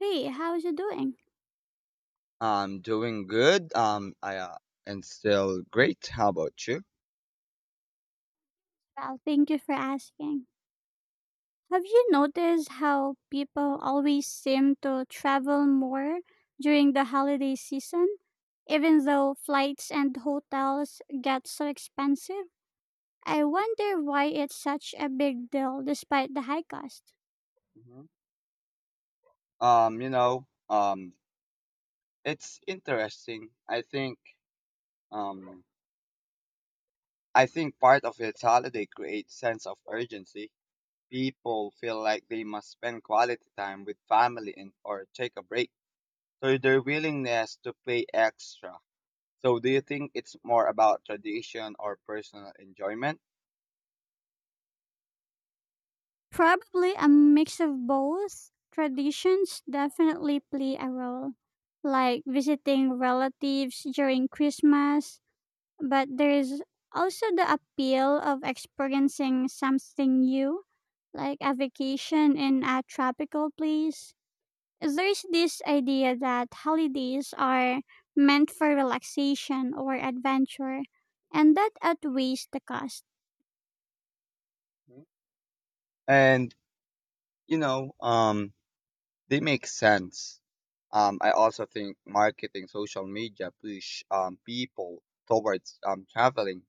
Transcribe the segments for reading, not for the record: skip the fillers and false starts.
Hey, how's you doing? I'm doing good. I and still great. How about you? Well, thank you for asking. Have you noticed how people always seem to travel more during the holiday season? Even though flights and hotels get so expensive, I wonder why it's such a big deal despite the high cost. Mhm. Um, you know, um, it's interesting. Um, I think part of its holiday creates sense of urgency. People feel like they must spend quality time with family and or take a break. So their willingness to pay extra. So do you think it's more about tradition or personal enjoyment? Probably a mix of both. Traditions definitely play a role, like visiting relatives during Christmas, but there is also the appeal of experiencing something new, like a vacation in a tropical place. There is this idea that holidays are meant for relaxation or adventure, and that outweighs the cost. Mhm. And you know, um. They make sense. I also think marketing, social media push people towards traveling,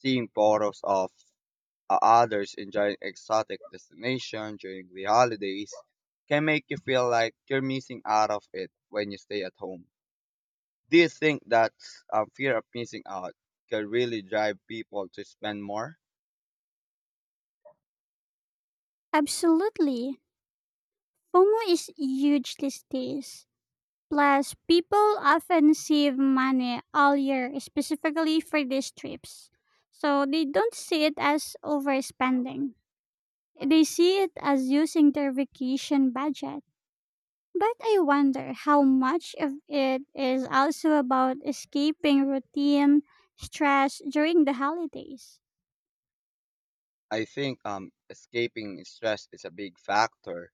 seeing photos of others enjoying exotic destination during the holidays can make you feel like you're missing out of it when you stay at home. Do you think that fear of missing out can really drive people to spend more? Absolutely. FOMO is huge these days. Plus, people often save money all year specifically for these trips, so they don't see it as overspending. They see it as using their vacation budget. But I wonder how much of it is also about escaping routine stress during the holidays. I think escaping stress is a big factor.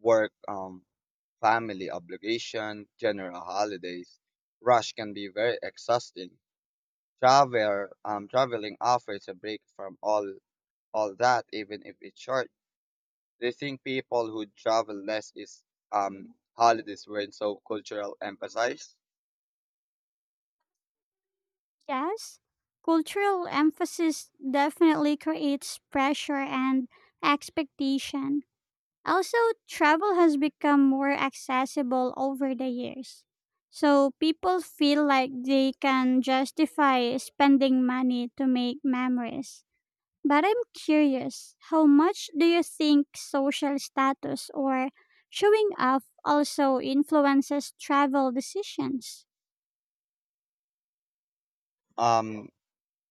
Work family obligation, general holidays. Rush can be very exhausting. Traveling offers a break from all that, even if it's short. They think people who travel less is holidays weren't so cultural emphasized. Yes, cultural emphasis definitely creates pressure and expectation. Also, travel has become more accessible over the years. So people feel like they can justify spending money to make memories. But I'm curious, how much do you think social status or showing off also influences travel decisions? Um,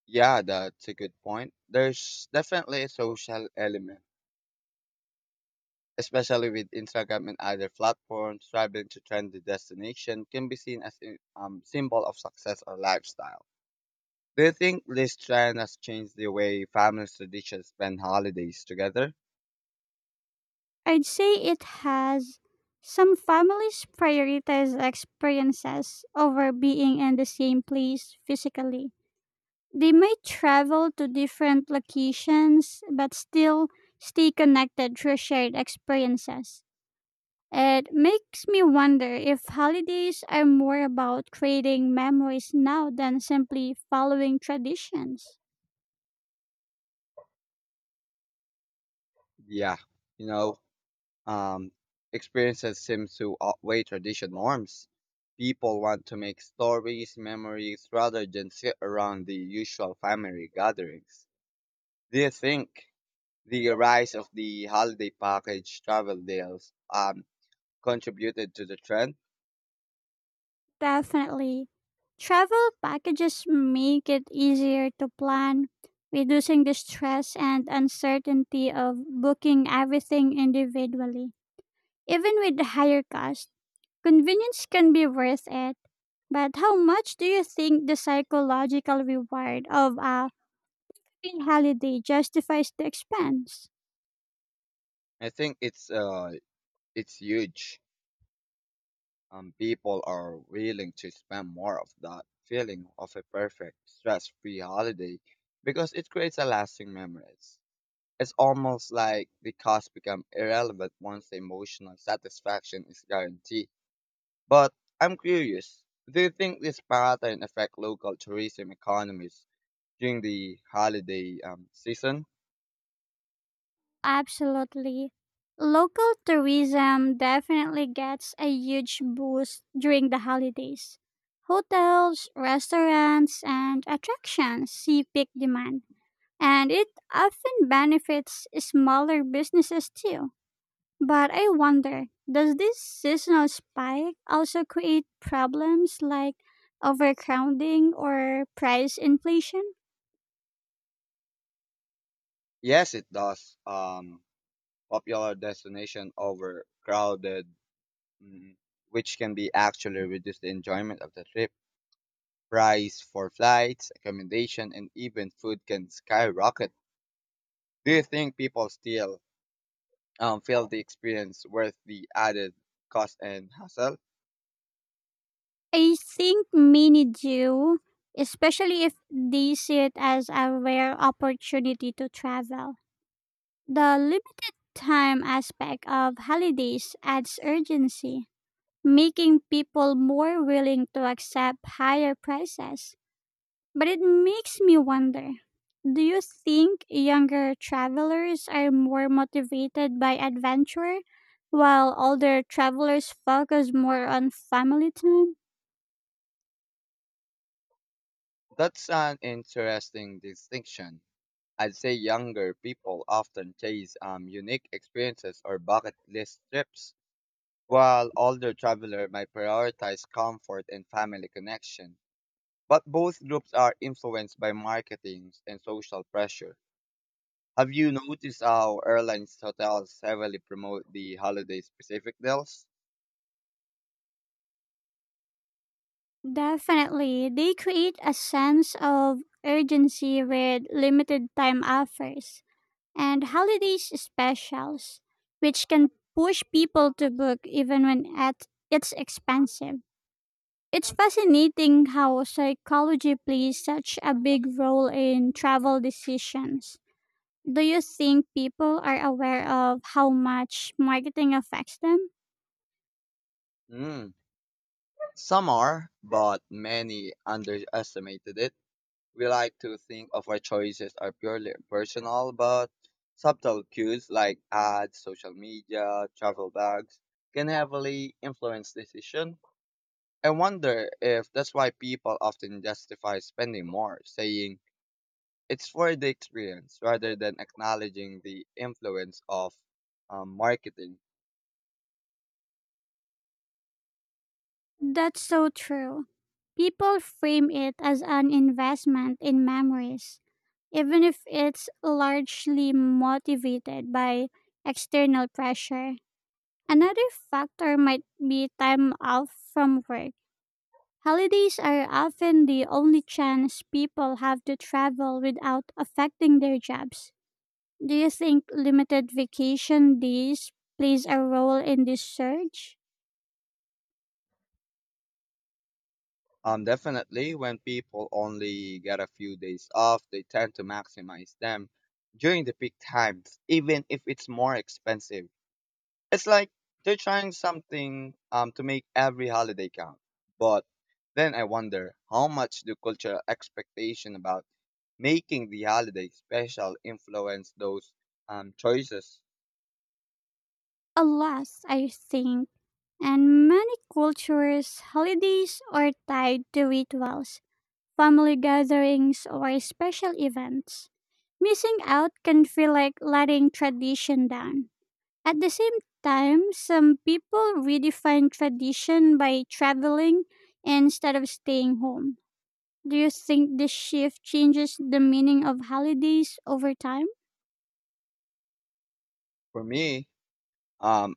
yeah, that's a good point. There's definitely a social element, especially with Instagram and other platforms. Traveling to trendy destination can be seen as a symbol of success or lifestyle. Do you think this trend has changed the way families traditionally spend holidays together? I'd say it has. Some families prioritize experiences over being in the same place physically. They might travel to different locations but still stay connected through shared experiences. It makes me wonder if holidays are more about creating memories now than simply following traditions. Yeah, you know, um, experiences seem to outweigh tradition norms. People want to make stories, memories, rather than sit around the usual family gatherings. Do you think the rise of the holiday package travel deals contributed to the trend? Definitely. Travel packages make it easier to plan, reducing the stress and uncertainty of booking everything individually. Even with the higher cost, convenience can be worth it. But how much do you think the psychological reward of a free holiday justifies the expense? I think it's huge. People are willing to spend more of that feeling of a perfect stress-free holiday because it creates a lasting memories. It's almost like the cost become irrelevant once the emotional satisfaction is guaranteed. But I'm curious, do you think this pattern affect local tourism economies during the holiday season? Absolutely. Local tourism definitely gets a huge boost during the holidays. Hotels, restaurants, and attractions see peak demand, and it often benefits smaller businesses too. But I wonder, does this seasonal spike also create problems like overcrowding or price inflation? Yes, it does. Popular destination over crowded. Mhm. Which can be actually reduce the enjoyment of the trip. Price for flights, accommodation, and even food can skyrocket. Do you think people still feel the experience worth the added cost and hassle? I think many do, especially if they see it as a rare opportunity to travel. The limited time aspect of holidays adds urgency, making people more willing to accept higher prices. But it makes me wonder, do you think younger travelers are more motivated by adventure, while older travelers focus more on family time? That's an interesting distinction. I'd say younger people often chase unique experiences or bucket list trips, while older travelers might prioritize comfort and family connection. But both groups are influenced by marketing and social pressure. Have you noticed how airlines hotels heavily promote the holiday specific deals? Definitely, they create a sense of urgency with limited time offers and holidays specials, which can push people to book even when at it's expensive. It's fascinating how psychology plays such a big role in travel decisions. Do you think people are aware of how much marketing affects them? Mm. Some are, but many underestimated it. We like to think of our choices are purely personal, but subtle cues like ads, social media, travel bags can heavily influence decision. I wonder if that's why people often justify spending more, saying it's for the experience rather than acknowledging the influence of marketing. That's so true. People frame it as an investment in memories, even if it's largely motivated by external pressure. Another factor might be time off from work. Holidays are often the only chance people have to travel without affecting their jobs. Do you think limited vacation days plays a role in this surge? Definitely, when people only get a few days off, they tend to maximize them during the peak times, even if it's more expensive. It's like they're trying something to make every holiday count. But then I wonder how much do cultural expectation about making the holiday special influence those choices? A lot, I think, and many cultures, holidays are tied to rituals, family gatherings, or special events. Missing out can feel like letting tradition down. At the same time, some people redefine tradition by traveling instead of staying home. Do you think this shift changes the meaning of holidays over time? For me, um,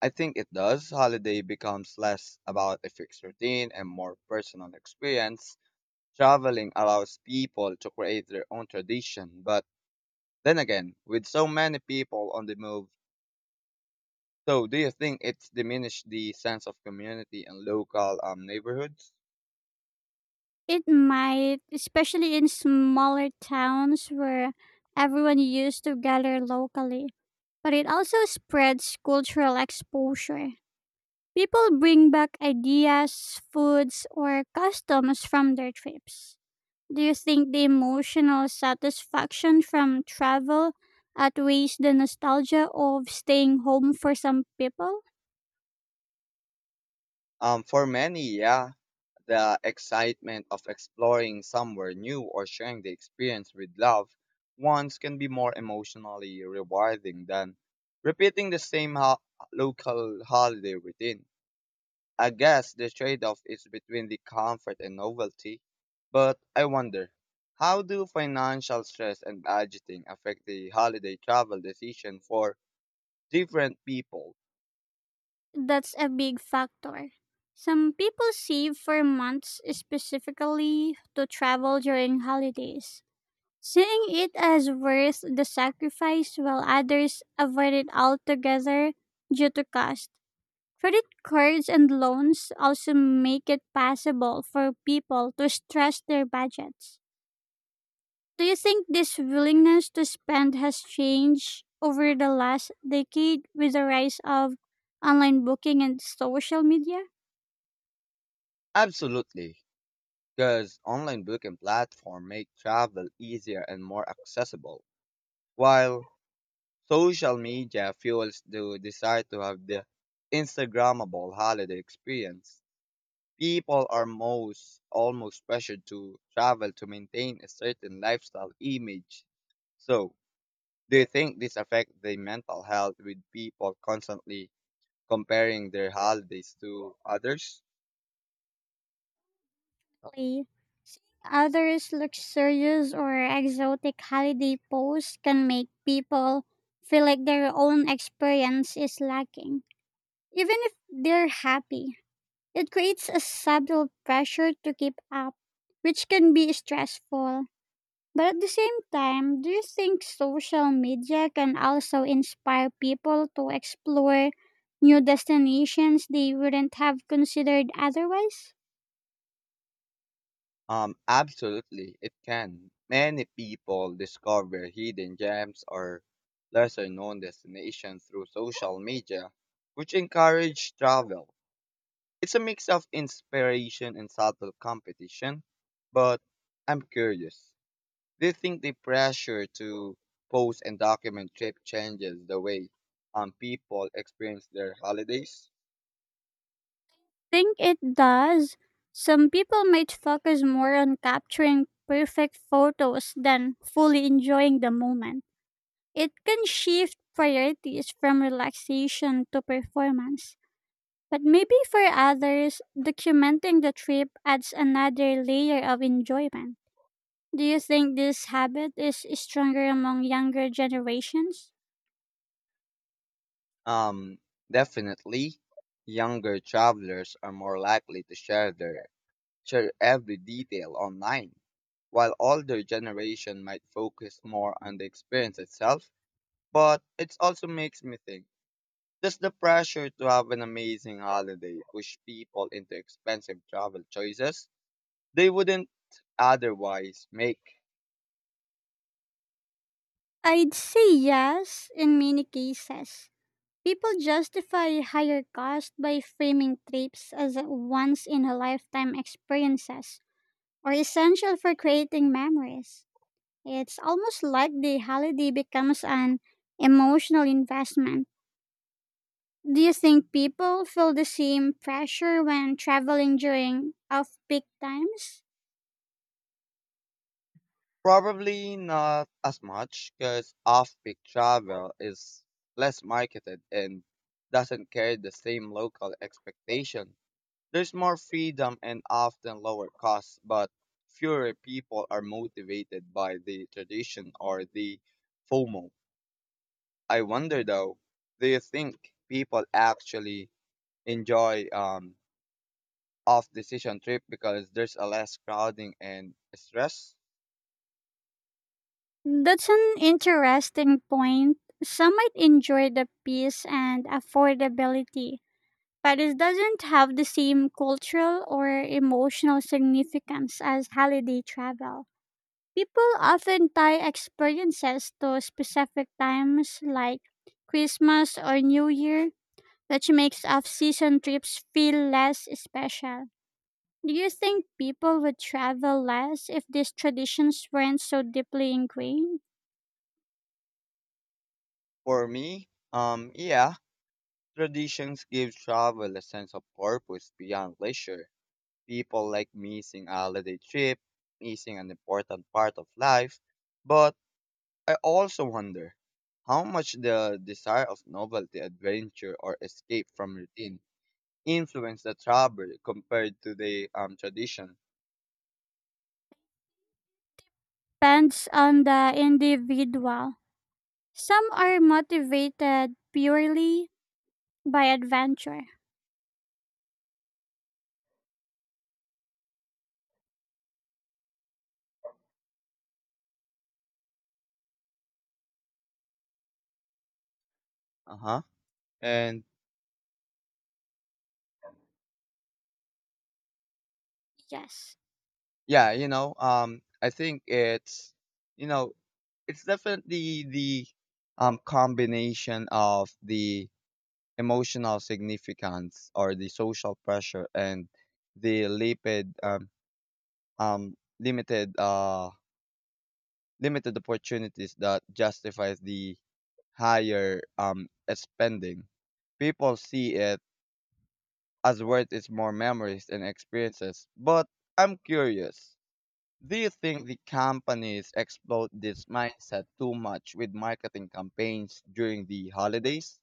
I think it does. Holiday becomes less about a fixed routine and more personal experience. Traveling allows people to create their own tradition, but then again, with so many people on the move, so do you think it's diminished the sense of community and local neighborhoods? It might, especially in smaller towns where everyone used to gather locally. But it also spreads cultural exposure. People bring back ideas, foods, or customs from their trips. Do you think the emotional satisfaction from travel outweighs the nostalgia of staying home for some people? For many, yeah, the excitement of exploring somewhere new or sharing the experience with loved ones can be more emotionally rewarding than repeating the local holiday routine. I guess the trade off is between the comfort and novelty, but I wonder how do financial stress and budgeting affect the holiday travel decision for different people? That's a big factor. Some people save for months specifically to travel during holidays, seeing it as worth the sacrifice, while others avoid it altogether due to cost. Credit cards and loans also make it possible for people to stress their budgets. Do you think this willingness to spend has changed over the last decade with the rise of online booking and social media? Absolutely, because online booking platform make travel easier and more accessible. While social media fuels the desire to have the Instagrammable holiday experience, people are most almost pressured to travel to maintain a certain lifestyle image. So, do you think this affects the mental health with people constantly comparing their holidays to others? Lee? Others, luxurious or exotic holiday posts can make people feel like their own experience is lacking, even if they're happy. It creates a subtle pressure to keep up, which can be stressful. But at the same time, do you think social media can also inspire people to explore new destinations they wouldn't have considered otherwise? Absolutely, it can. Many people discover hidden gems or lesser known destinations through social media, which encourage travel. It's a mix of inspiration and subtle competition, but I'm curious. Do you think the pressure to post and document trip changes the way people experience their holidays? Think it does. Some people might focus more on capturing perfect photos than fully enjoying the moment. It can shift priorities from relaxation to performance. But maybe for others, documenting the trip adds another layer of enjoyment. Do you think this habit is stronger among younger generations? Um, definitely. Younger travelers are more likely to share every detail online. While older generation might focus more on the experience itself, but it also makes me think, does the pressure to have an amazing holiday push people into expensive travel choices they wouldn't otherwise make? I'd say yes in many cases. People justify higher costs by framing trips as once in a lifetime experiences or essential for creating memories. It's almost like the holiday becomes an emotional investment. Do you think people feel the same pressure when traveling during off peak times? Probably not as much because off-peak travel is less marketed and doesn't carry the same local expectation. There's more freedom and often lower costs, but fewer people are motivated by the tradition or the FOMO. I wonder though, do you think people actually enjoy off decision trip because there's a less crowding and stress? That's an interesting point. Some might enjoy the peace and affordability. Paris doesn't have the same cultural or emotional significance as holiday travel. People often tie experiences to specific times like Christmas or New Year, which makes off season trips feel less special. Do you think people would travel less if these traditions weren't so deeply ingrained? For me, yeah, traditions give travel a sense of purpose beyond leisure. People like missing a holiday trip, missing an important part of life, but I also wonder how much the desire of novelty, adventure, or escape from routine influenced the travel compared to the tradition. Depends on the individual. Some are motivated purely by adventure. Uh huh. And Yes. yeah, I think it's, you know, it's definitely the combination of the emotional significance or the social pressure and the lipid, um, limited limited opportunities that justifies the higher spending. People see it as worth its more memories and experiences. But I'm curious, do you think the companies exploit this mindset too much with marketing campaigns during the holidays?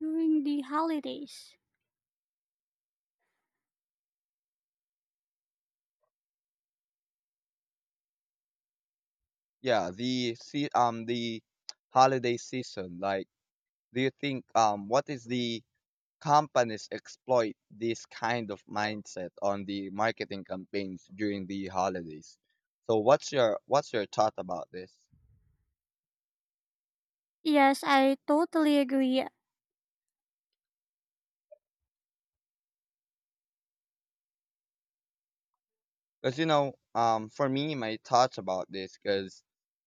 During the holidays. Yeah, the holiday season. Like, do you think what is the companies exploit this kind of mindset on the marketing campaigns during the holidays. So what's your thought about this? Yes, I totally agree. Because you know, for me, my thoughts about this, because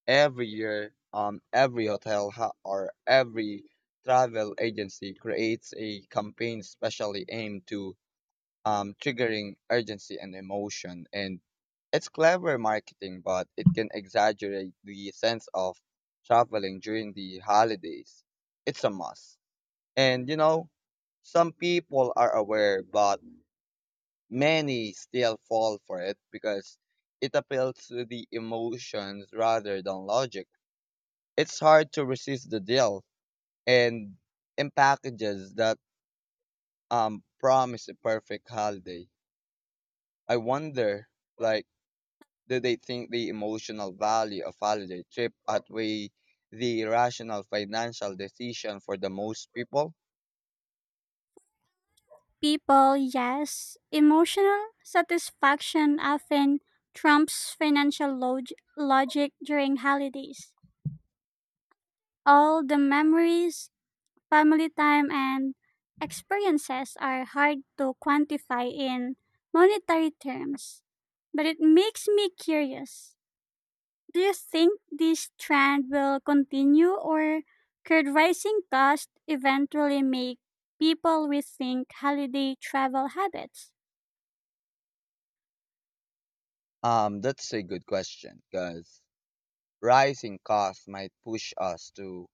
every year, every or every travel agency creates a campaign specially aimed to triggering urgency and emotion. And it's clever marketing, but it can exaggerate the sense of traveling during the holidays. It's a must. And you know, some people are aware, but many still fall for it because it appeals to the emotions rather than logic. It's hard to resist the deal and in packages that promise a perfect holiday. I wonder, like, do they think the emotional value of holiday trip outweigh the rational financial decision for the most people? People, yes, emotional satisfaction often trumps financial log- logic during holidays. All the memories, family time, and experiences are hard to quantify in monetary terms. But it makes me curious. Do you think this trend will continue or could rising costs eventually make people rethink holiday travel habits? That's a good question because rising costs might push us to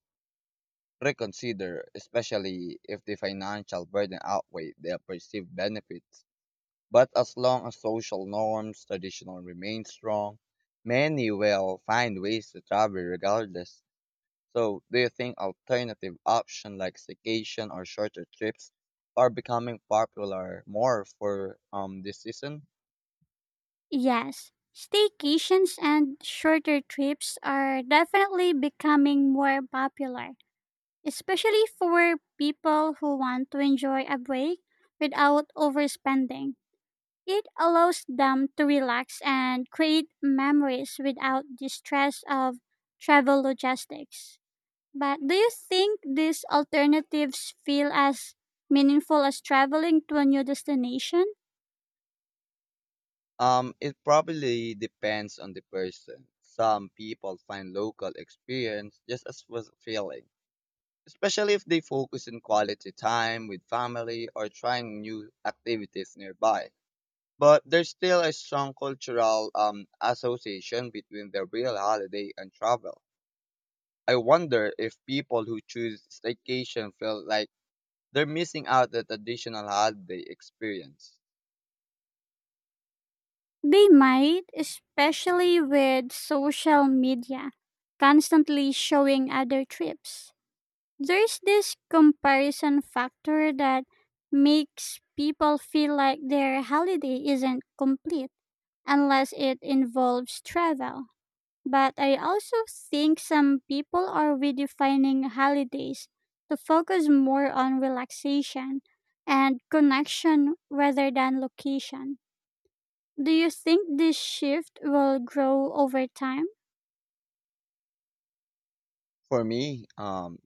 reconsider, especially if the financial burden outweighs the perceived benefits. But as long as social norms traditional remain strong, many will find ways to travel regardless. So, do you think alternative options like staycation or shorter trips are becoming popular more for this season? Yes, staycations and shorter trips are definitely becoming more popular, especially for people who want to enjoy a break without overspending. It allows them to relax and create memories without the stress of travel logistics. But do you think these alternatives feel as meaningful as traveling to a new destination? It probably depends on the person. Some people find local experience just as fulfilling, especially if they focus on quality time with family or trying new activities nearby. But there's still a strong cultural association between the real holiday and travel. I wonder if people who choose staycation feel like they're missing out that additional holiday experience. They might, especially with social media constantly showing other trips. There's this comparison factor that makes people feel like their holiday isn't complete unless it involves travel. But I also think some people are redefining holidays to focus more on relaxation and connection rather than location. Do you think this shift will grow over time? For me,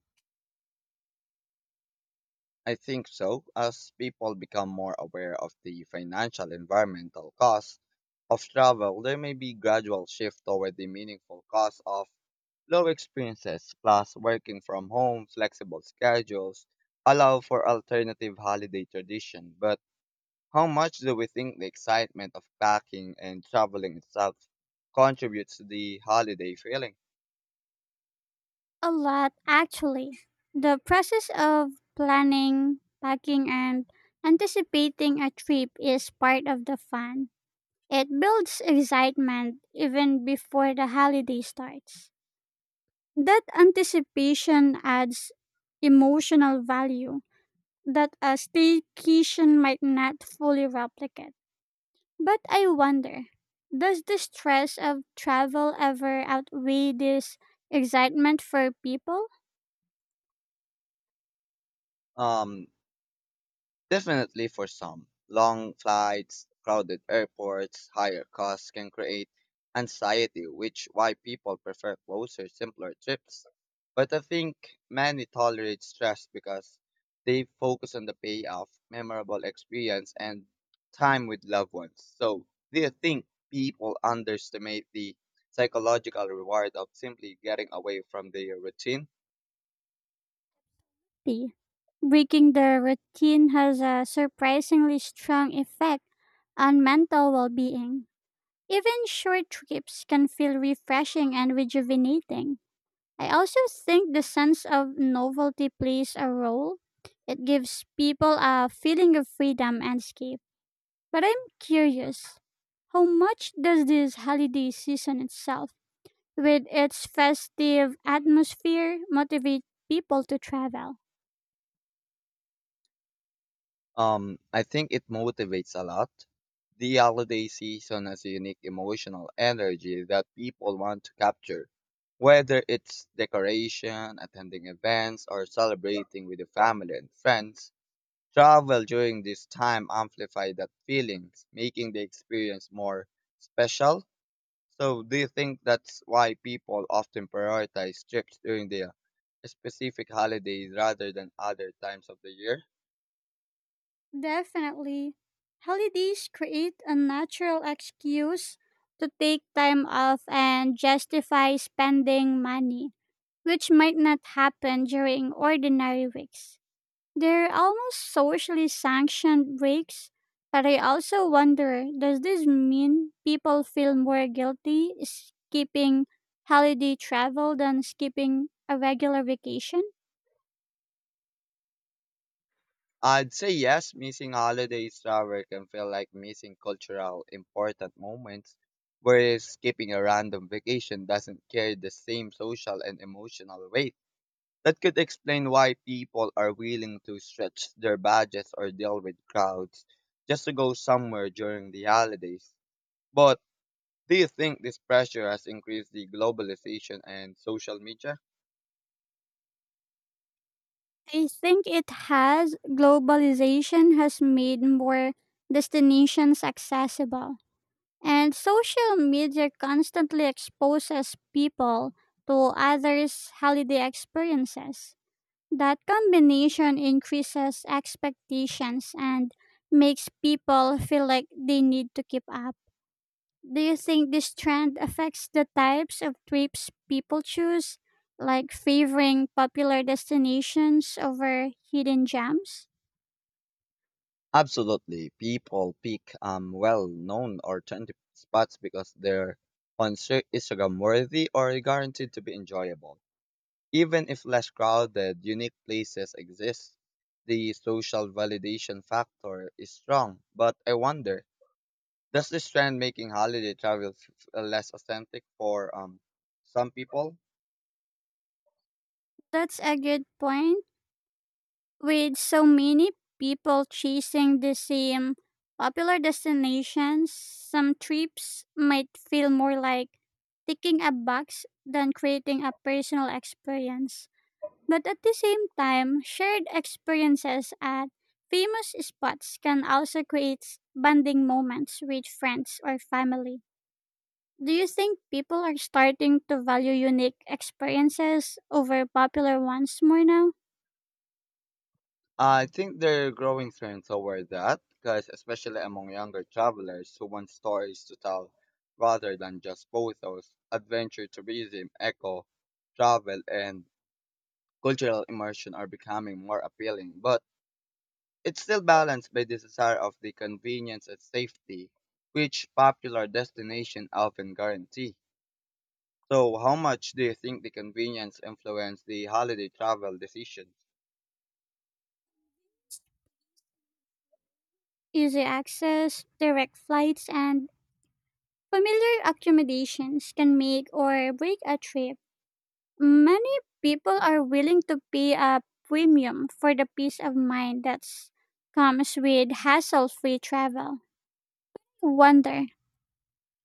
I think so. As people become more aware of the financial environmental costs of travel, there may be gradual shift toward the meaningful cost of low experiences plus working from home, flexible schedules allow for alternative holiday tradition, but how much do we think the excitement of packing and traveling itself contributes to the holiday feeling? A lot, actually. The process of planning, packing, and anticipating a trip is part of the fun. It builds excitement even before the holiday starts. That anticipation adds emotional value that a staycation might not fully replicate. But I wonder, does the stress of travel ever outweigh this excitement for people? Um, Definitely for some, long flights, crowded airports, higher costs can create anxiety, which why people prefer closer, simpler trips. But I think many tolerate stress because they focus on the payoff, memorable experience, and time with loved ones. So, do you think people underestimate the psychological reward of simply getting away from their routine? P. Breaking the routine has a surprisingly strong effect on mental well being. Even short trips can feel refreshing and rejuvenating. I also think the sense of novelty plays a role. It gives people a feeling of freedom and escape. But I'm curious, how much does this holiday season itself, with its festive atmosphere, motivate people to travel? I think it motivates a lot. The holiday season has a unique emotional energy that people want to capture, whether it's decoration, attending events, or celebrating with the family and friends. Travel during this time amplifies that feelings, making the experience more special. So, do you think that's why people often prioritize trips during the specific holidays rather than other times of the year? Definitely. Holidays create a natural excuse to take time off and justify spending money, which might not happen during ordinary weeks. They're almost socially sanctioned breaks, but I also wonder, does this mean people feel more guilty skipping holiday travel than skipping a regular vacation? I'd say yes, missing holidays travel can feel like missing cultural important moments, whereas skipping a random vacation doesn't carry the same social and emotional weight. That could explain why people are willing to stretch their budgets or deal with crowds just to go somewhere during the holidays. But do you think this pressure has increased the globalization and social media? I think it has. Globalization has made more destinations accessible. And social media constantly exposes people to others' holiday experiences. That combination increases expectations and makes people feel like they need to keep up. Do you think this trend affects the types of trips people choose, like favoring popular destinations over hidden gems? Absolutely. People pick well known or trendy spots because they're Instagram worthy or guaranteed to be enjoyable. Even if less crowded, unique places exist. The social validation factor is strong, but I wonder does this trend making holiday travel less authentic for some people? That's a good point. With so many people chasing the same popular destinations, some trips might feel more like ticking a box than creating a personal experience. But at the same time, shared experiences at famous spots can also create bonding moments with friends or family. Do you think people are starting to value unique experiences over popular ones more now? I think there are growing trends toward that, because especially among younger travelers who want stories to tell rather than just photos, adventure tourism, eco travel, and cultural immersion are becoming more appealing. But it's still balanced by the desire of the convenience and safety, which popular destinations often guarantee. So, how much do you think the convenience influence the holiday travel decisions? Easy access, direct flights, and familiar accommodations can make or break a trip. Many people are willing to pay a premium for the peace of mind that comes with hassle free travel. Wonder,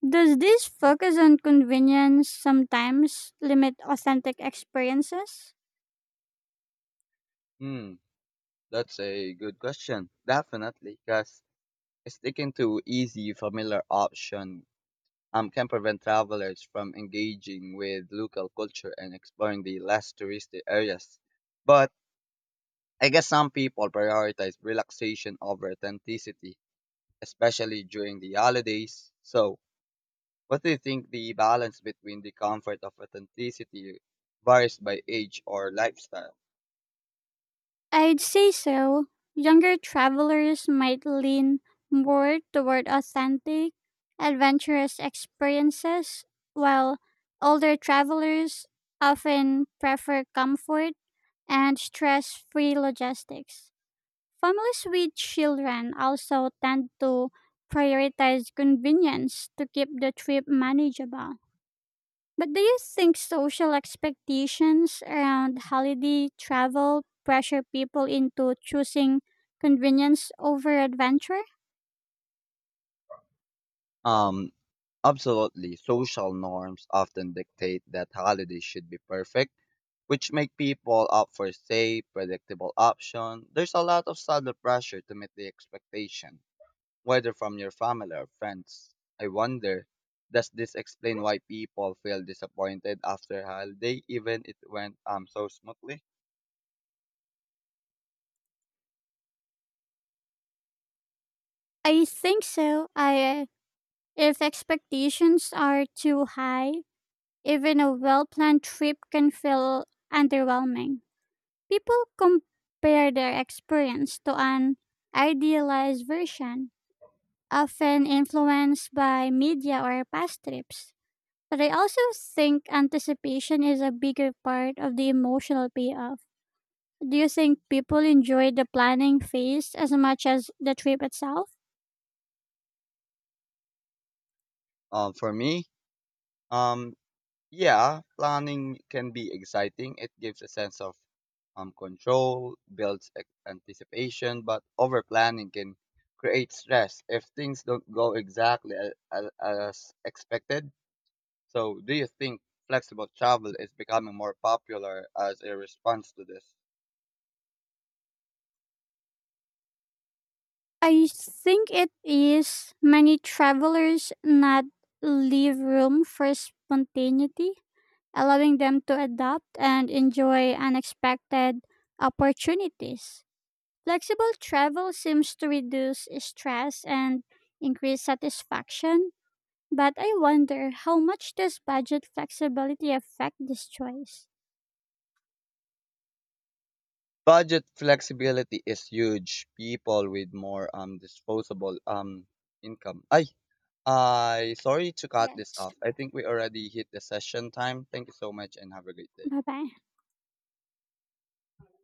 does this focus on convenience sometimes limit authentic experiences? Hmm, that's a good question. Definitely, because sticking to easy, familiar option can prevent travelers from engaging with local culture and exploring the less touristy areas. But I guess some people prioritize relaxation over authenticity, especially during the holidays. So, what do you think the balance between the comfort of authenticity varies by age or lifestyle? I'd say so. Younger travelers might lean more toward authentic, adventurous experiences, while older travelers often prefer comfort and stress free logistics. Families with children also tend to prioritize convenience to keep the trip manageable. But do you think social expectations around holiday travel pressure people into choosing convenience over adventure? Um, Absolutely, social norms often dictate that holidays should be perfect, which make people opt for safe, predictable option. There's a lot of subtle pressure to meet the expectation, whether from your family or friends. I wonder, does this explain why people feel disappointed after holiday, even it went so smoothly? I think so. I, if expectations are too high, even a well-planned trip can feel underwhelming. People compare their experience to an idealized version, often influenced by media or past trips. But I also think anticipation is a bigger part of the emotional payoff. Do you think people enjoy the planning phase as much as the trip itself? Um, for me, um, Yeah, planning can be exciting. It gives a sense of control, builds anticipation, but over planning can create stress if things don't go as expected. So, do you think flexible travel is becoming more popular as a response to this? I think it is. Many travelers not leave room for spontaneity, allowing them to adapt and enjoy unexpected opportunities. Flexible travel seems to reduce stress and increase satisfaction. But I wonder how much does budget flexibility affect this choice? Budget flexibility is huge. People with more disposable income. I sorry to cut this Yes. off. I think we already hit the session time. Thank you so much and have a great day. Bye bye.